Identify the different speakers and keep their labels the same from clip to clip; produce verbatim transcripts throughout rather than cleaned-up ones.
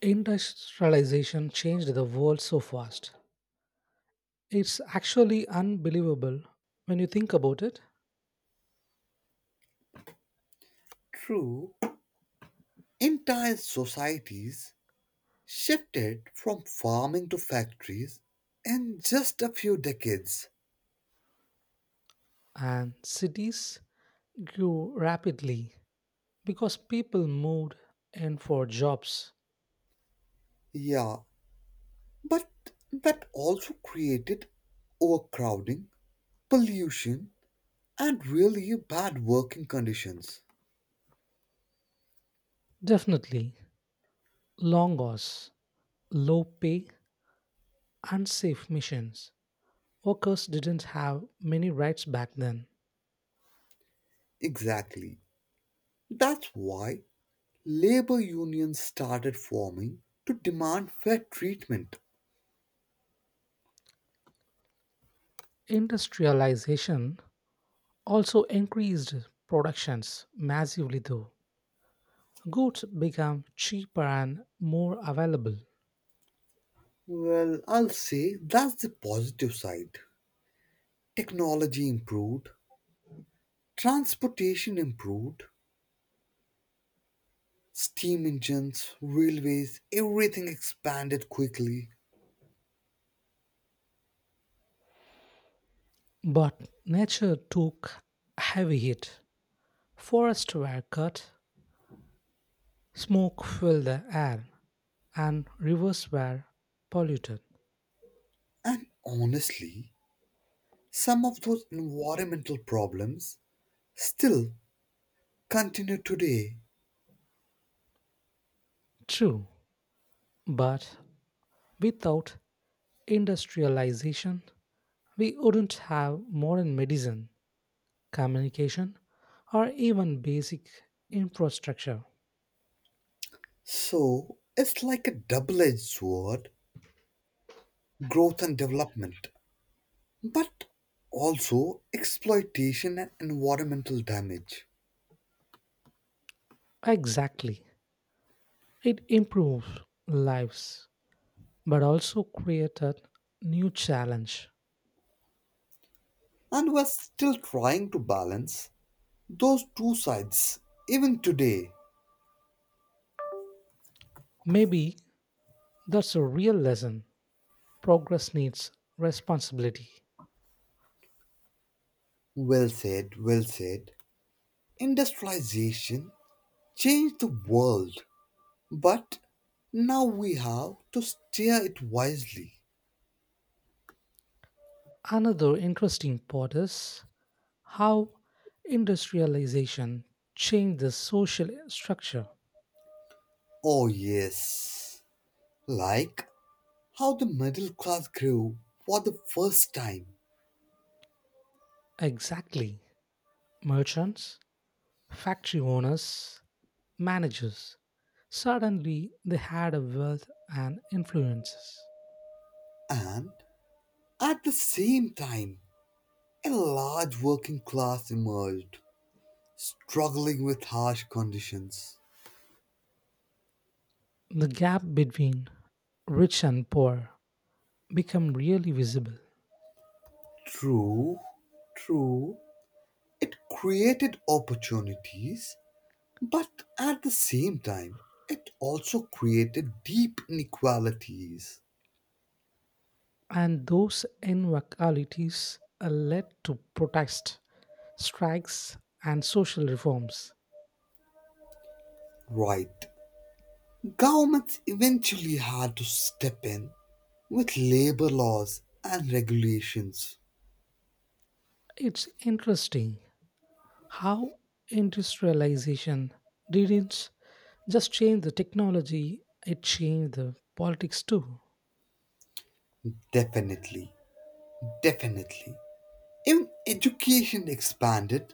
Speaker 1: Industrialization changed the world so fast. It's actually unbelievable when you think about it.
Speaker 2: True, entire societies shifted from farming to factories in just a few decades.
Speaker 1: And cities grew rapidly because people moved in for jobs.
Speaker 2: Yeah, but that also created overcrowding, pollution, and really bad working conditions.
Speaker 1: Definitely, long hours, low pay, unsafe missions. Workers didn't have many rights back then.
Speaker 2: Exactly. That's why labor unions started forming to demand fair treatment.
Speaker 1: Industrialization also increased productions massively, though. Goods became cheaper and more available,
Speaker 2: Well, I'll say that's the positive side. Technology improved, transportation improved, steam engines, railways, everything expanded quickly.
Speaker 1: but nature took a heavy hit. Forests were cut, smoke filled the air, and rivers were polluted.
Speaker 2: And honestly, some of those environmental problems still continue today.
Speaker 1: True, but without industrialization, we wouldn't have modern medicine, communication, or even basic infrastructure.
Speaker 2: So it's like a double edged sword: growth and development, but also exploitation and environmental damage.
Speaker 1: Exactly. It improves lives but also created new challenge.
Speaker 2: And we're still trying to balance those two sides, even today.
Speaker 1: Maybe that's a real lesson. Progress needs responsibility.
Speaker 2: Well said, well said. Industrialization changed the world, but now we have to steer it wisely.
Speaker 1: Another interesting part is how industrialization changed the social structure.
Speaker 2: Oh, yes. Like how the middle class grew for the first time,
Speaker 1: Exactly. Merchants, factory owners, managers. Suddenly they had a wealth and influences.
Speaker 2: and at the same time, a large working class emerged, struggling with harsh conditions.
Speaker 1: The gap between rich and poor become really visible.
Speaker 2: True, true, it created opportunities, but at the same time, it also created deep inequalities.
Speaker 1: And those inequalities uh, led to protests, strikes, and social reforms.
Speaker 2: Right. Governments eventually had to step in with labor laws and regulations.
Speaker 1: It's interesting how industrialization didn't just change the technology, it changed the politics too.
Speaker 2: Definitely. Definitely. Even education expanded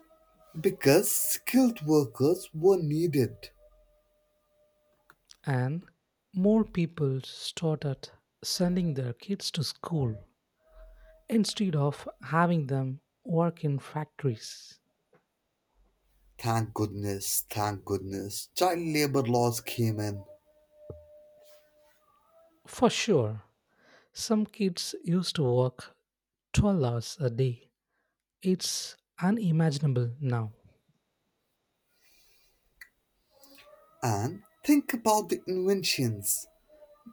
Speaker 2: because skilled workers were needed.
Speaker 1: And more people started sending their kids to school instead of having them work in factories.
Speaker 2: Thank goodness, thank goodness, child labor laws came in.
Speaker 1: For sure, some kids used to work twelve hours a day. It's unimaginable now.
Speaker 2: And think about the inventions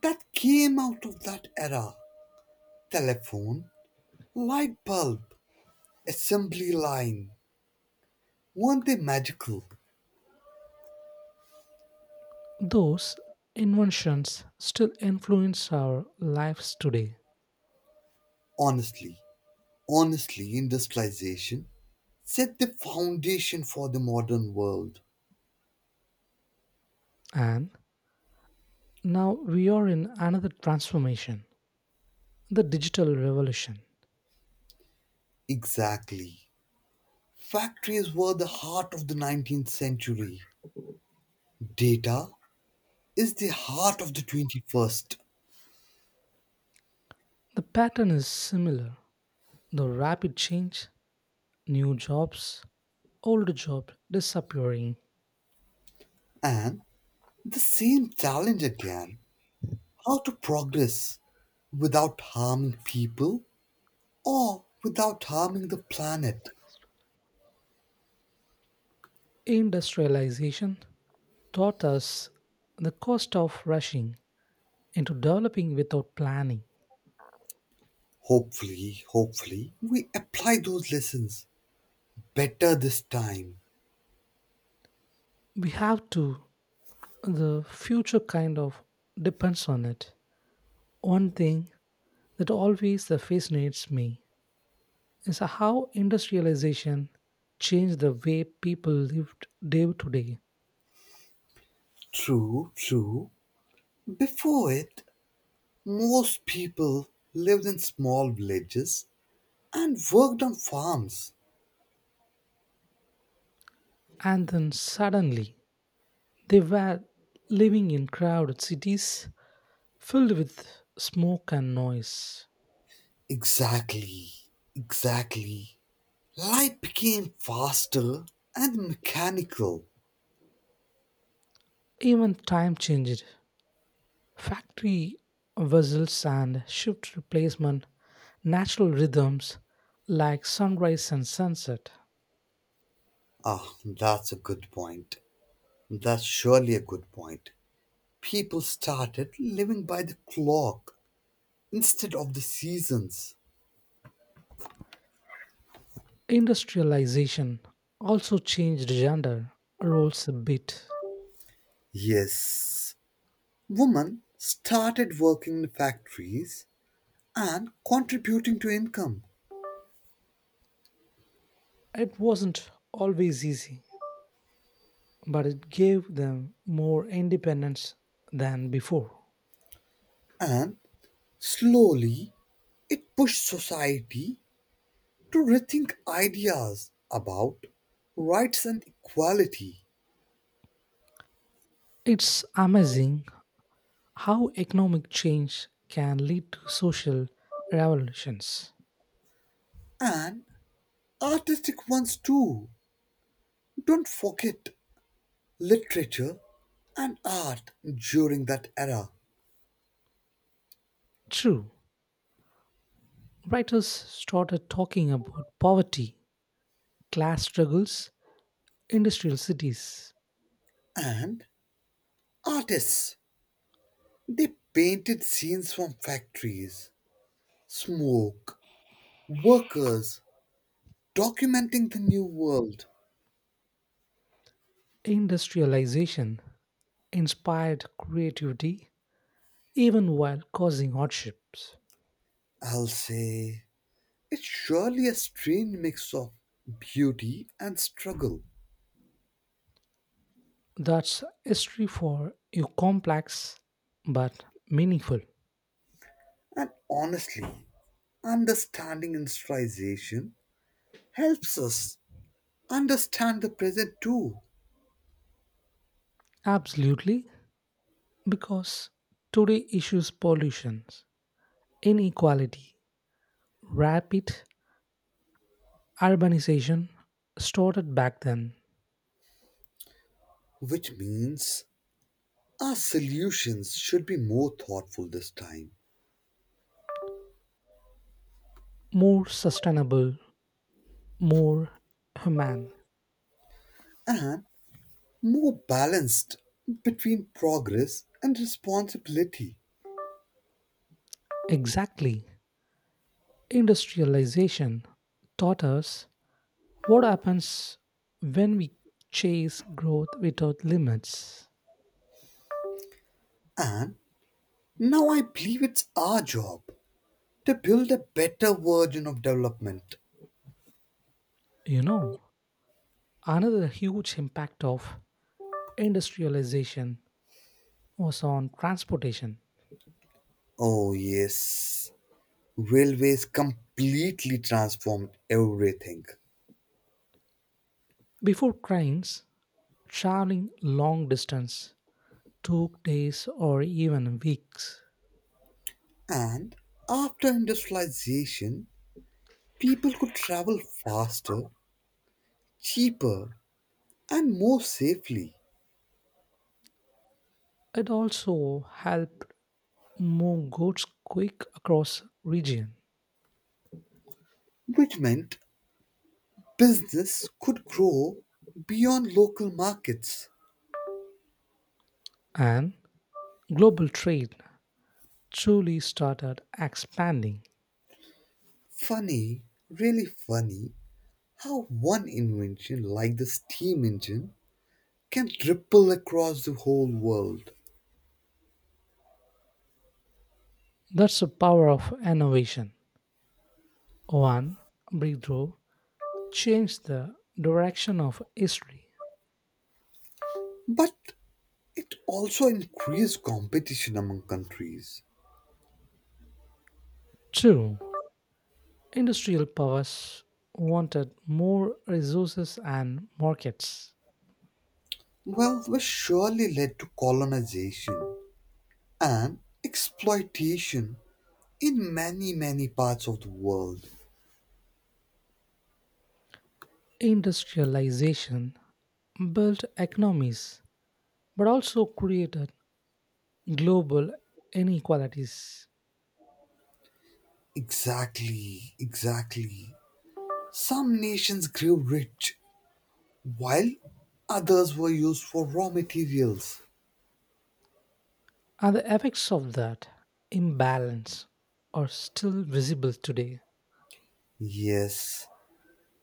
Speaker 2: that came out of that era. Telephone, light bulb, assembly line. Weren't they magical?
Speaker 1: Those inventions still influence our lives today,
Speaker 2: Honestly, honestly, industrialization set the foundation for the modern world.
Speaker 1: and now we are in another transformation, the digital revolution.
Speaker 2: Exactly. Factories were the heart of the nineteenth century. Data is the heart of the twenty-first.
Speaker 1: The pattern is similar, the rapid change, new jobs, old jobs disappearing.
Speaker 2: And the same challenge again: how to progress without harming people or without harming the planet.
Speaker 1: Industrialization taught us the cost of rushing into developing without planning.
Speaker 2: Hopefully, hopefully, we apply those lessons better this time.
Speaker 1: We have to, the future kind of depends on it. One thing that always fascinates me is how industrialization changed the way people lived day to day.
Speaker 2: True, true. Before it, most people lived in small villages and worked on farms.
Speaker 1: And then suddenly, they were living in crowded cities filled with smoke and noise.
Speaker 2: Exactly, exactly. Life became faster and mechanical.
Speaker 1: Even time changed. Factory whistles and shift replacement, natural rhythms like sunrise and sunset.
Speaker 2: Ah, that's a good point. That's surely a good point. People started living by the clock instead of the seasons.
Speaker 1: Industrialization also changed gender roles a bit.
Speaker 2: Yes, women started working in factories and contributing to income,
Speaker 1: It wasn't always easy, but it gave them more independence than before.
Speaker 2: and slowly it pushed society to rethink ideas about rights and equality,
Speaker 1: It's amazing how economic change can lead to social revolutions.
Speaker 2: and artistic ones too. Don't forget literature and art during that era.
Speaker 1: True, writers started talking about poverty, class struggles, industrial cities.
Speaker 2: And artists, they painted scenes from factories: smoke, workers, documenting the new world.
Speaker 1: Industrialization inspired creativity even while causing hardships.
Speaker 2: I'll say it's surely a strange mix of beauty and struggle.
Speaker 1: That's history for you, complex but meaningful.
Speaker 2: And honestly, understanding industrialization helps us understand the present too,
Speaker 1: Absolutely, because today issues, pollution, inequality, rapid urbanization, started back then.
Speaker 2: which means our solutions should be more thoughtful this time
Speaker 1: More sustainable, more human.
Speaker 2: and more balanced between progress and responsibility.
Speaker 1: Exactly. Industrialization taught us what happens when we chase growth without limits.
Speaker 2: And now I believe it's our job to build a better version of development.
Speaker 1: You know. Another huge impact of industrialization was on transportation.
Speaker 2: Oh, yes. Railways completely transformed everything.
Speaker 1: Before trains, traveling long distance took days or even weeks.
Speaker 2: And after industrialization, people could travel faster, cheaper, and more safely,
Speaker 1: It also helped move goods quick across region,
Speaker 2: which meant business could grow beyond local markets.
Speaker 1: and global trade truly started expanding.
Speaker 2: Funny, really funny, how one invention like the steam engine can ripple across the whole world.
Speaker 1: That's the power of innovation. One breakthrough changed the direction of history.
Speaker 2: But it also increased competition among countries.
Speaker 1: Two, industrial powers wanted more resources and markets.
Speaker 2: Wealth was surely led to colonization and exploitation in many, many parts of the world.
Speaker 1: Industrialization built economies but also created global inequalities.
Speaker 2: Exactly, exactly. Some nations grew rich while others were used for raw materials.
Speaker 1: And the effects of that imbalance are still visible today.
Speaker 2: Yes,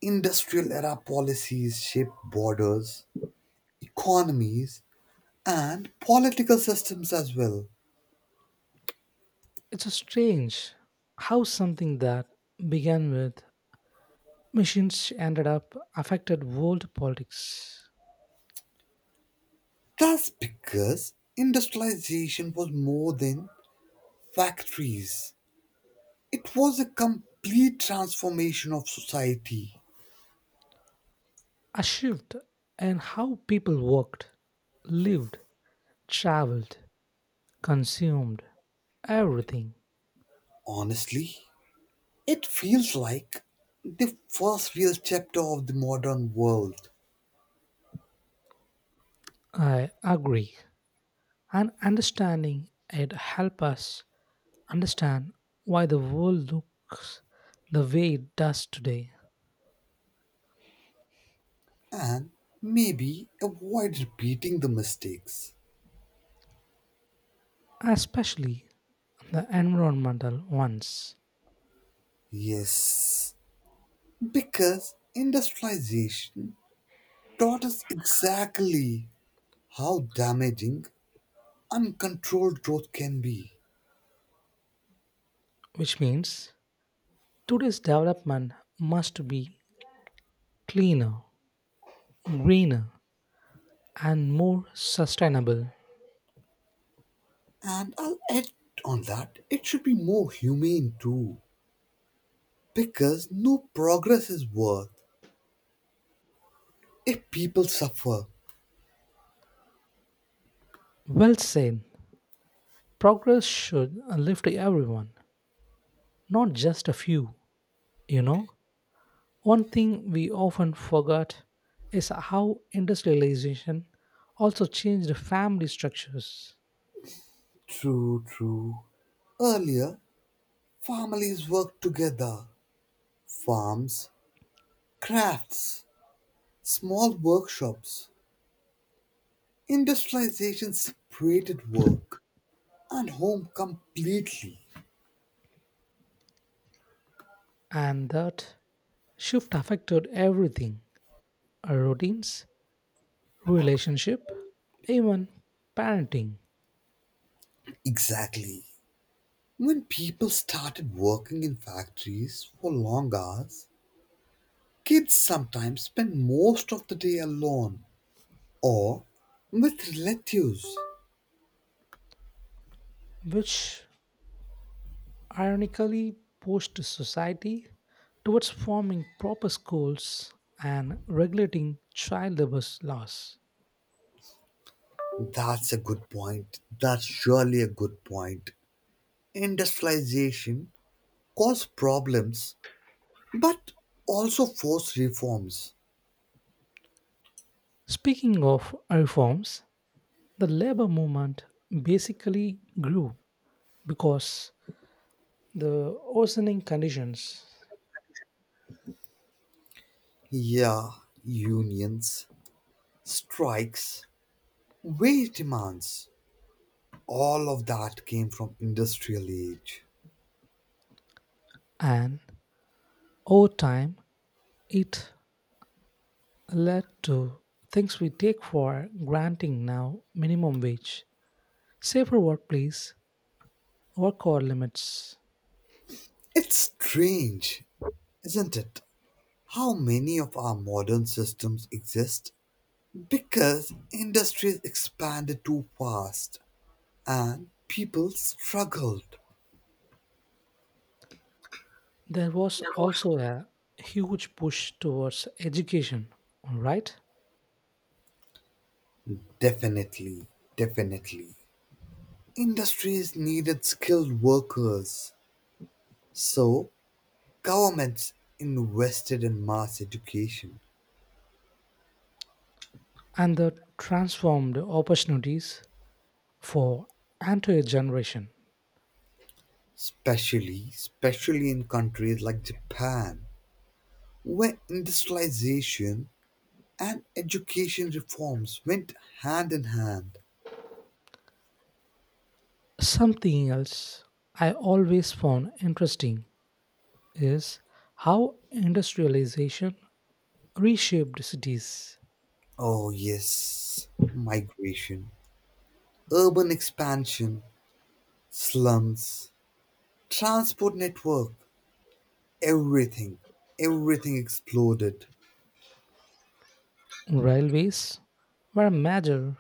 Speaker 2: industrial era policies shaped borders, economies, and political systems as well.
Speaker 1: It's a strange how something that began with machines ended up affected world politics.
Speaker 2: That's because industrialization was more than factories, it was a complete transformation of society.
Speaker 1: A shift in how people worked, lived, traveled, consumed everything.
Speaker 2: Honestly, it feels like the first real chapter of the modern world,
Speaker 1: I agree. And understanding it help us understand why the world looks the way it does today,
Speaker 2: and maybe avoid repeating the mistakes.
Speaker 1: especially the environmental ones,
Speaker 2: Yes, because industrialization taught us exactly how damaging uncontrolled growth can be.
Speaker 1: which means today's development must be cleaner, greener, and more sustainable.
Speaker 2: And I'll add on that, it should be more humane too. Because no progress is worth if people suffer.
Speaker 1: Well said. Progress should lift everyone, not just a few, you know? One thing we often forget is how industrialization also changed family structures,
Speaker 2: True, true. Earlier, families worked together. Farms, crafts, small workshops. Industrialization separated work and home completely.
Speaker 1: and that shift affected everything, our routines, relationship, even parenting,
Speaker 2: Exactly. When people started working in factories for long hours, kids sometimes spend most of the day alone or with relatives.
Speaker 1: which ironically pushed society towards forming proper schools and regulating child labor laws.
Speaker 2: That's a good point. That's surely a good point. Industrialization caused problems but also forced reforms.
Speaker 1: Speaking of reforms, the labor movement basically grew because the worsening conditions,
Speaker 2: Yeah, unions, strikes, wage demands. All of that came from industrial age.
Speaker 1: and over time it led to things we take for granting now, minimum wage, safer workplace, work hour limits.
Speaker 2: It's strange, isn't it? How many of our modern systems exist because industries expanded too fast and people struggled.
Speaker 1: There was also a huge push towards education, right,
Speaker 2: Definitely, definitely. Industries needed skilled workers, so governments invested in mass education,
Speaker 1: and the transformed opportunities for entire generation.
Speaker 2: especially, especially in countries like Japan, where industrialization and education reforms went hand in hand.
Speaker 1: Something else I always found interesting is how industrialization reshaped cities.
Speaker 2: Oh yes, migration. Urban expansion, slums, transport network, everything, everything exploded.
Speaker 1: Railways were a major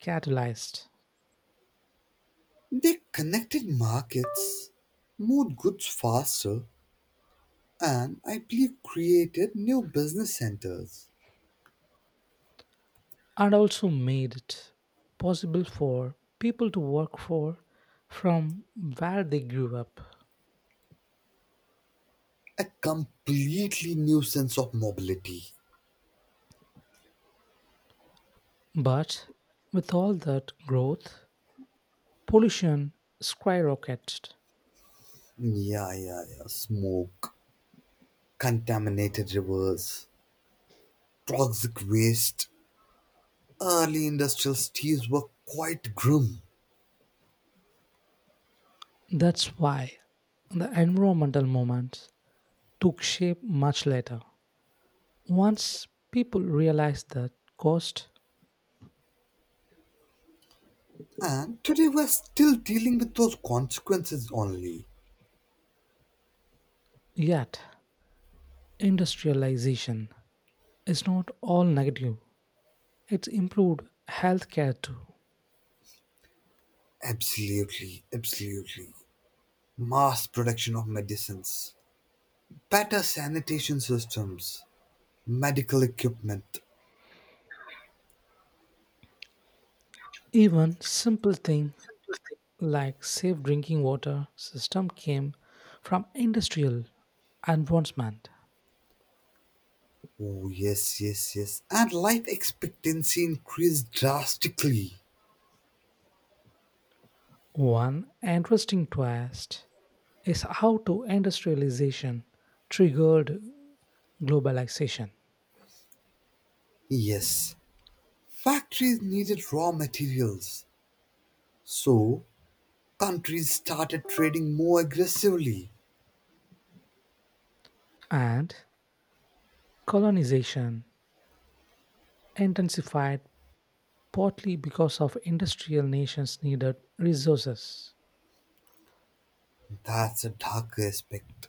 Speaker 1: catalyst
Speaker 2: They connected markets, moved goods faster, and I believe created new business centers.
Speaker 1: and also made it possible for people to work for from where they grew up.
Speaker 2: A completely new sense of mobility.
Speaker 1: But with all that growth, pollution skyrocketed.
Speaker 2: Yeah, yeah, yeah. Smoke, contaminated rivers, toxic waste. Early industrial cities were quite grim.
Speaker 1: That's why the environmental movement took shape much later. Once people realized that cost.
Speaker 2: And today we're still dealing with those consequences only.
Speaker 1: Yet, industrialization is not all negative. It's improved healthcare too.
Speaker 2: Absolutely, absolutely. Mass production of medicines, better sanitation systems, medical equipment.
Speaker 1: Even simple things like safe drinking water system came from industrial advancement.
Speaker 2: Oh, yes, yes, yes. And life expectancy increased drastically.
Speaker 1: One interesting twist is how to industrialization triggered globalization
Speaker 2: Yes, factories needed raw materials. So, countries started trading more aggressively.
Speaker 1: and colonization intensified partly because of industrial nations needed resources.
Speaker 2: That's a dark aspect,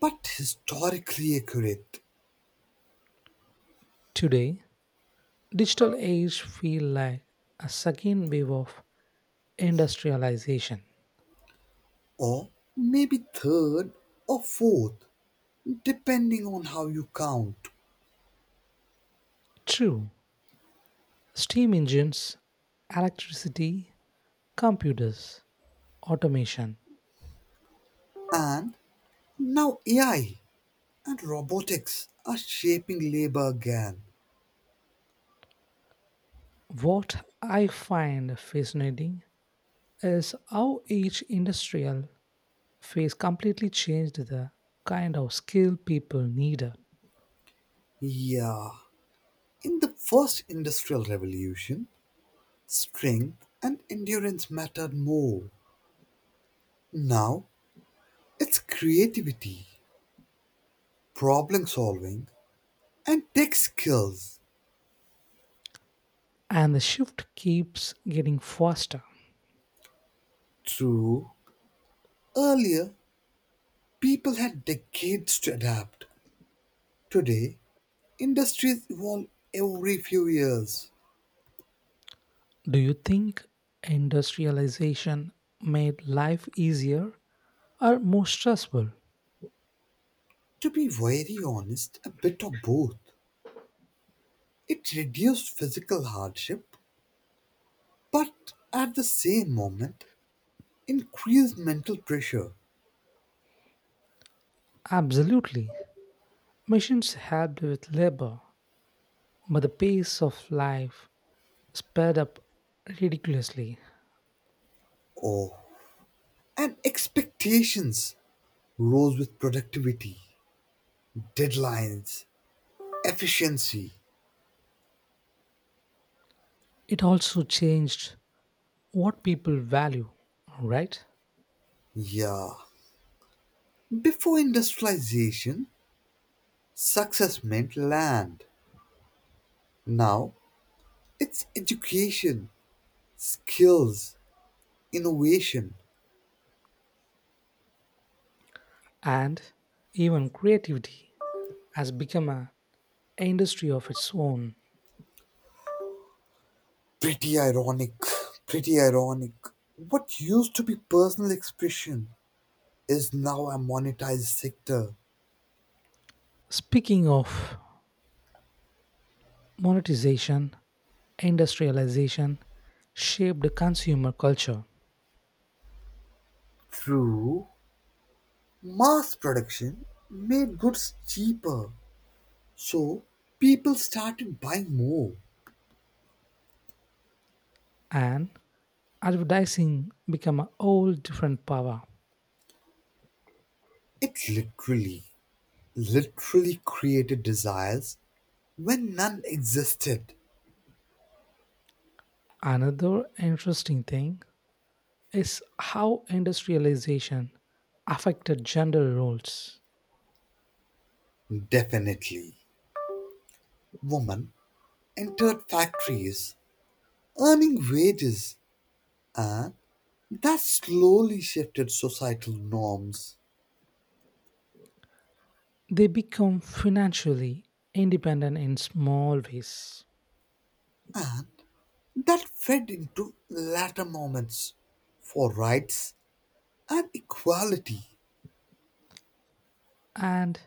Speaker 2: but historically accurate.
Speaker 1: Today, digital age feel like a second wave of industrialization.
Speaker 2: Or maybe third or fourth, depending on how you count.
Speaker 1: True, steam engines, electricity, computers, automation.
Speaker 2: And now A I and robotics are shaping labor again.
Speaker 1: What I find fascinating is how each industrial phase completely changed the kind of skill people needed,
Speaker 2: Yeah, in the first industrial revolution, strength and endurance mattered more. Now it's creativity, problem solving, and tech skills.
Speaker 1: and the shift keeps getting faster.
Speaker 2: True, earlier people had decades to adapt. Today, industries evolve every few years.
Speaker 1: Do you think industrialization made life easier or more stressful?
Speaker 2: To be very honest, a bit of both. It reduced physical hardship, but at the same moment, increased mental pressure.
Speaker 1: Absolutely. Machines helped with labor, but the pace of life sped up ridiculously.
Speaker 2: Oh, and expectations rose with productivity, deadlines, efficiency.
Speaker 1: It also changed what people value, right?
Speaker 2: Yeah. Before industrialization, success meant land. Now, it's education, skills, innovation.
Speaker 1: And even creativity has become a industry of its own.
Speaker 2: Pretty ironic, pretty ironic. What used to be personal expression is now a monetized sector
Speaker 1: Speaking of monetization, industrialization shaped the consumer culture
Speaker 2: through mass production made goods cheaper. So people started buying more.
Speaker 1: and advertising became a whole different power.
Speaker 2: It literally, literally created desires when none existed.
Speaker 1: Another interesting thing is how industrialization affected gender roles.
Speaker 2: Definitely. Women entered factories, earning wages, and that slowly shifted societal norms.
Speaker 1: They become financially independent in small ways.
Speaker 2: And that fed into later moments for rights and equality.
Speaker 1: And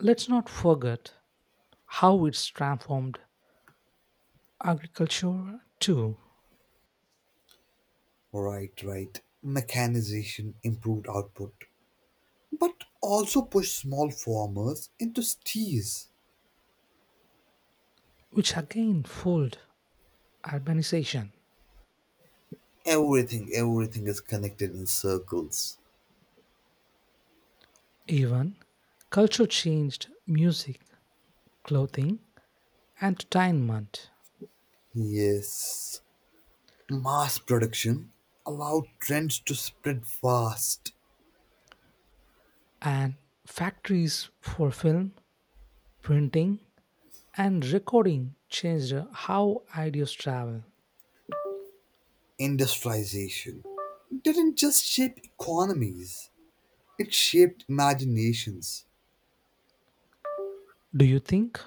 Speaker 1: let's not forget how it's transformed agriculture too,
Speaker 2: Right, right. Mechanization improved output, but also pushed small farmers into steers.
Speaker 1: which again fueled urbanization.
Speaker 2: Everything, everything is connected in circles.
Speaker 1: Even culture changed music, clothing, entertainment,
Speaker 2: Yes, mass production allowed trends to spread fast.
Speaker 1: and factories for film, printing, and recording changed how ideas travel.
Speaker 2: Industrialization didn't just shape economies, it shaped imaginations.
Speaker 1: Do you think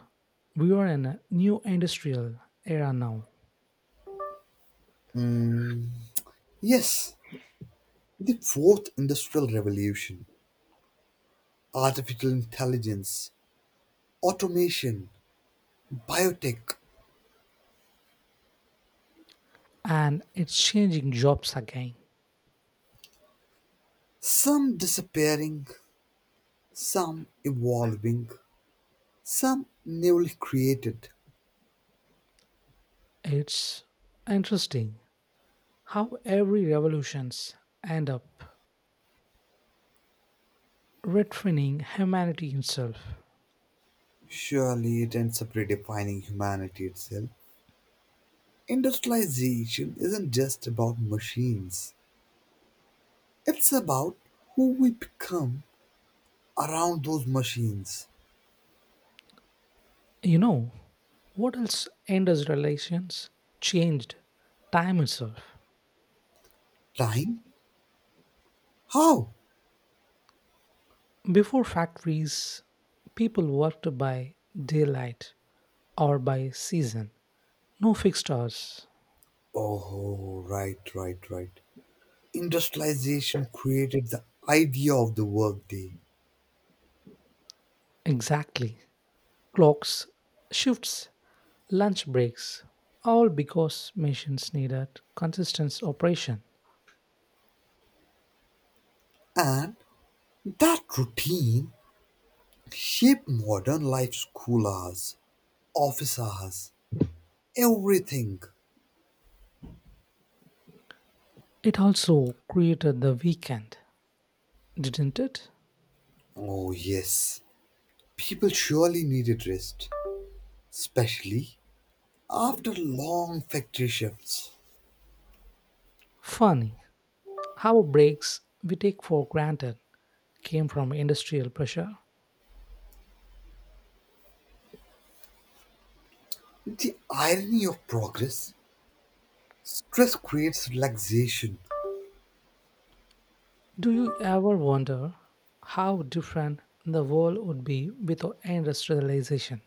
Speaker 1: we are in a new industrial era now
Speaker 2: Yes, the fourth industrial revolution, artificial intelligence, automation, biotech,
Speaker 1: and it's changing jobs again?
Speaker 2: some disappearing, some evolving, some newly created.
Speaker 1: It's interesting how every revolutions end up retraining humanity itself.
Speaker 2: Surely it ends up redefining humanity itself. Industrialization isn't just about machines, it's about who we become around those machines.
Speaker 1: You know, what else industrializations changed, time itself?
Speaker 2: Time? How?
Speaker 1: Before factories, people worked by daylight or by season. No fixed hours.
Speaker 2: Oh, right, right, right. Industrialization created the idea of the workday,
Speaker 1: Exactly. Clocks, shifts, lunch breaks, all because machines needed consistent operation.
Speaker 2: and that routine shaped modern life: school hours, office hours, everything.
Speaker 1: It also created the weekend, didn't it?
Speaker 2: Oh, yes, people surely needed rest, especially after long factory shifts.
Speaker 1: Funny how breaks we take for granted came from industrial pressure.
Speaker 2: The irony of progress: stress creates relaxation.
Speaker 1: Do you ever wonder how different the world would be without industrialization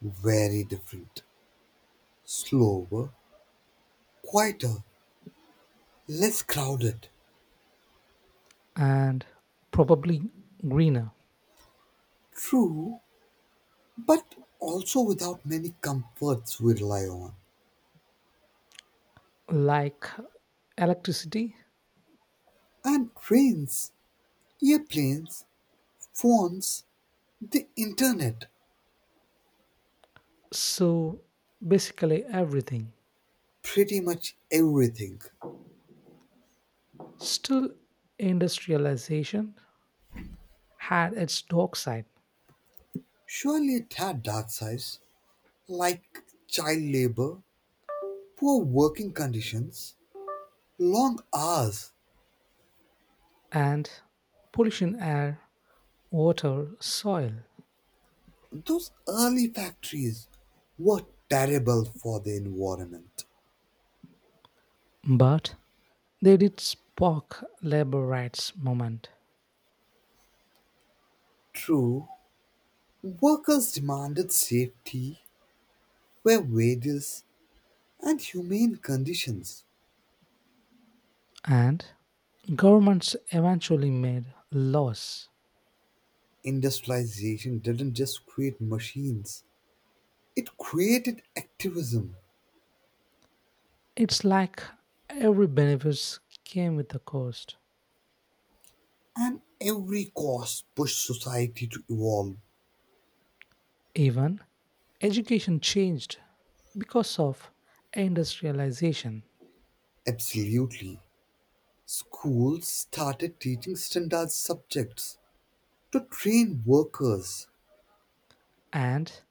Speaker 2: Very different, slower, quieter, less crowded.
Speaker 1: and probably greener,
Speaker 2: True, but also without many comforts we rely on.
Speaker 1: like electricity.
Speaker 2: And trains, airplanes, phones, the internet,
Speaker 1: So basically everything.
Speaker 2: pretty much everything.
Speaker 1: Still, industrialization had its dark side
Speaker 2: Surely it had dark sides like child labor, poor working conditions, long hours.
Speaker 1: and pollution air, water, soil.
Speaker 2: Those early factories were terrible for the environment.
Speaker 1: But they did spark labor rights movement
Speaker 2: True, workers demanded safety, fair wages, and humane conditions.
Speaker 1: and governments eventually made laws.
Speaker 2: Industrialization didn't just create machines, it created activism,
Speaker 1: It's like every benefits came with a cost.
Speaker 2: and every cause pushed society to evolve.
Speaker 1: Even education changed because of industrialization
Speaker 2: Absolutely. Schools started teaching standard subjects to train workers.
Speaker 1: and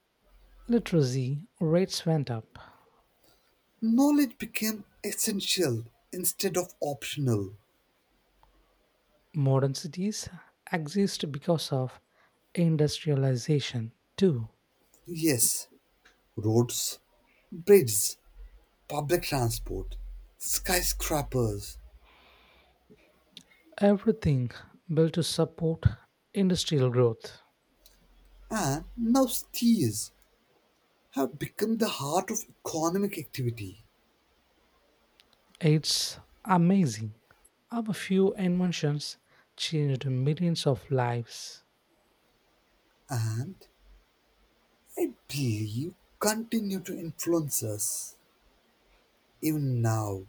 Speaker 1: literacy rates went up.
Speaker 2: Knowledge became essential instead of optional.
Speaker 1: Modern cities exist because of industrialization. Two,
Speaker 2: Yes, roads, bridges, public transport, skyscrapers,
Speaker 1: everything built to support industrial growth.
Speaker 2: and now cities have become the heart of economic activity,
Speaker 1: It's amazing how a few inventions changed millions of lives.
Speaker 2: and I believe continue to influence us even now.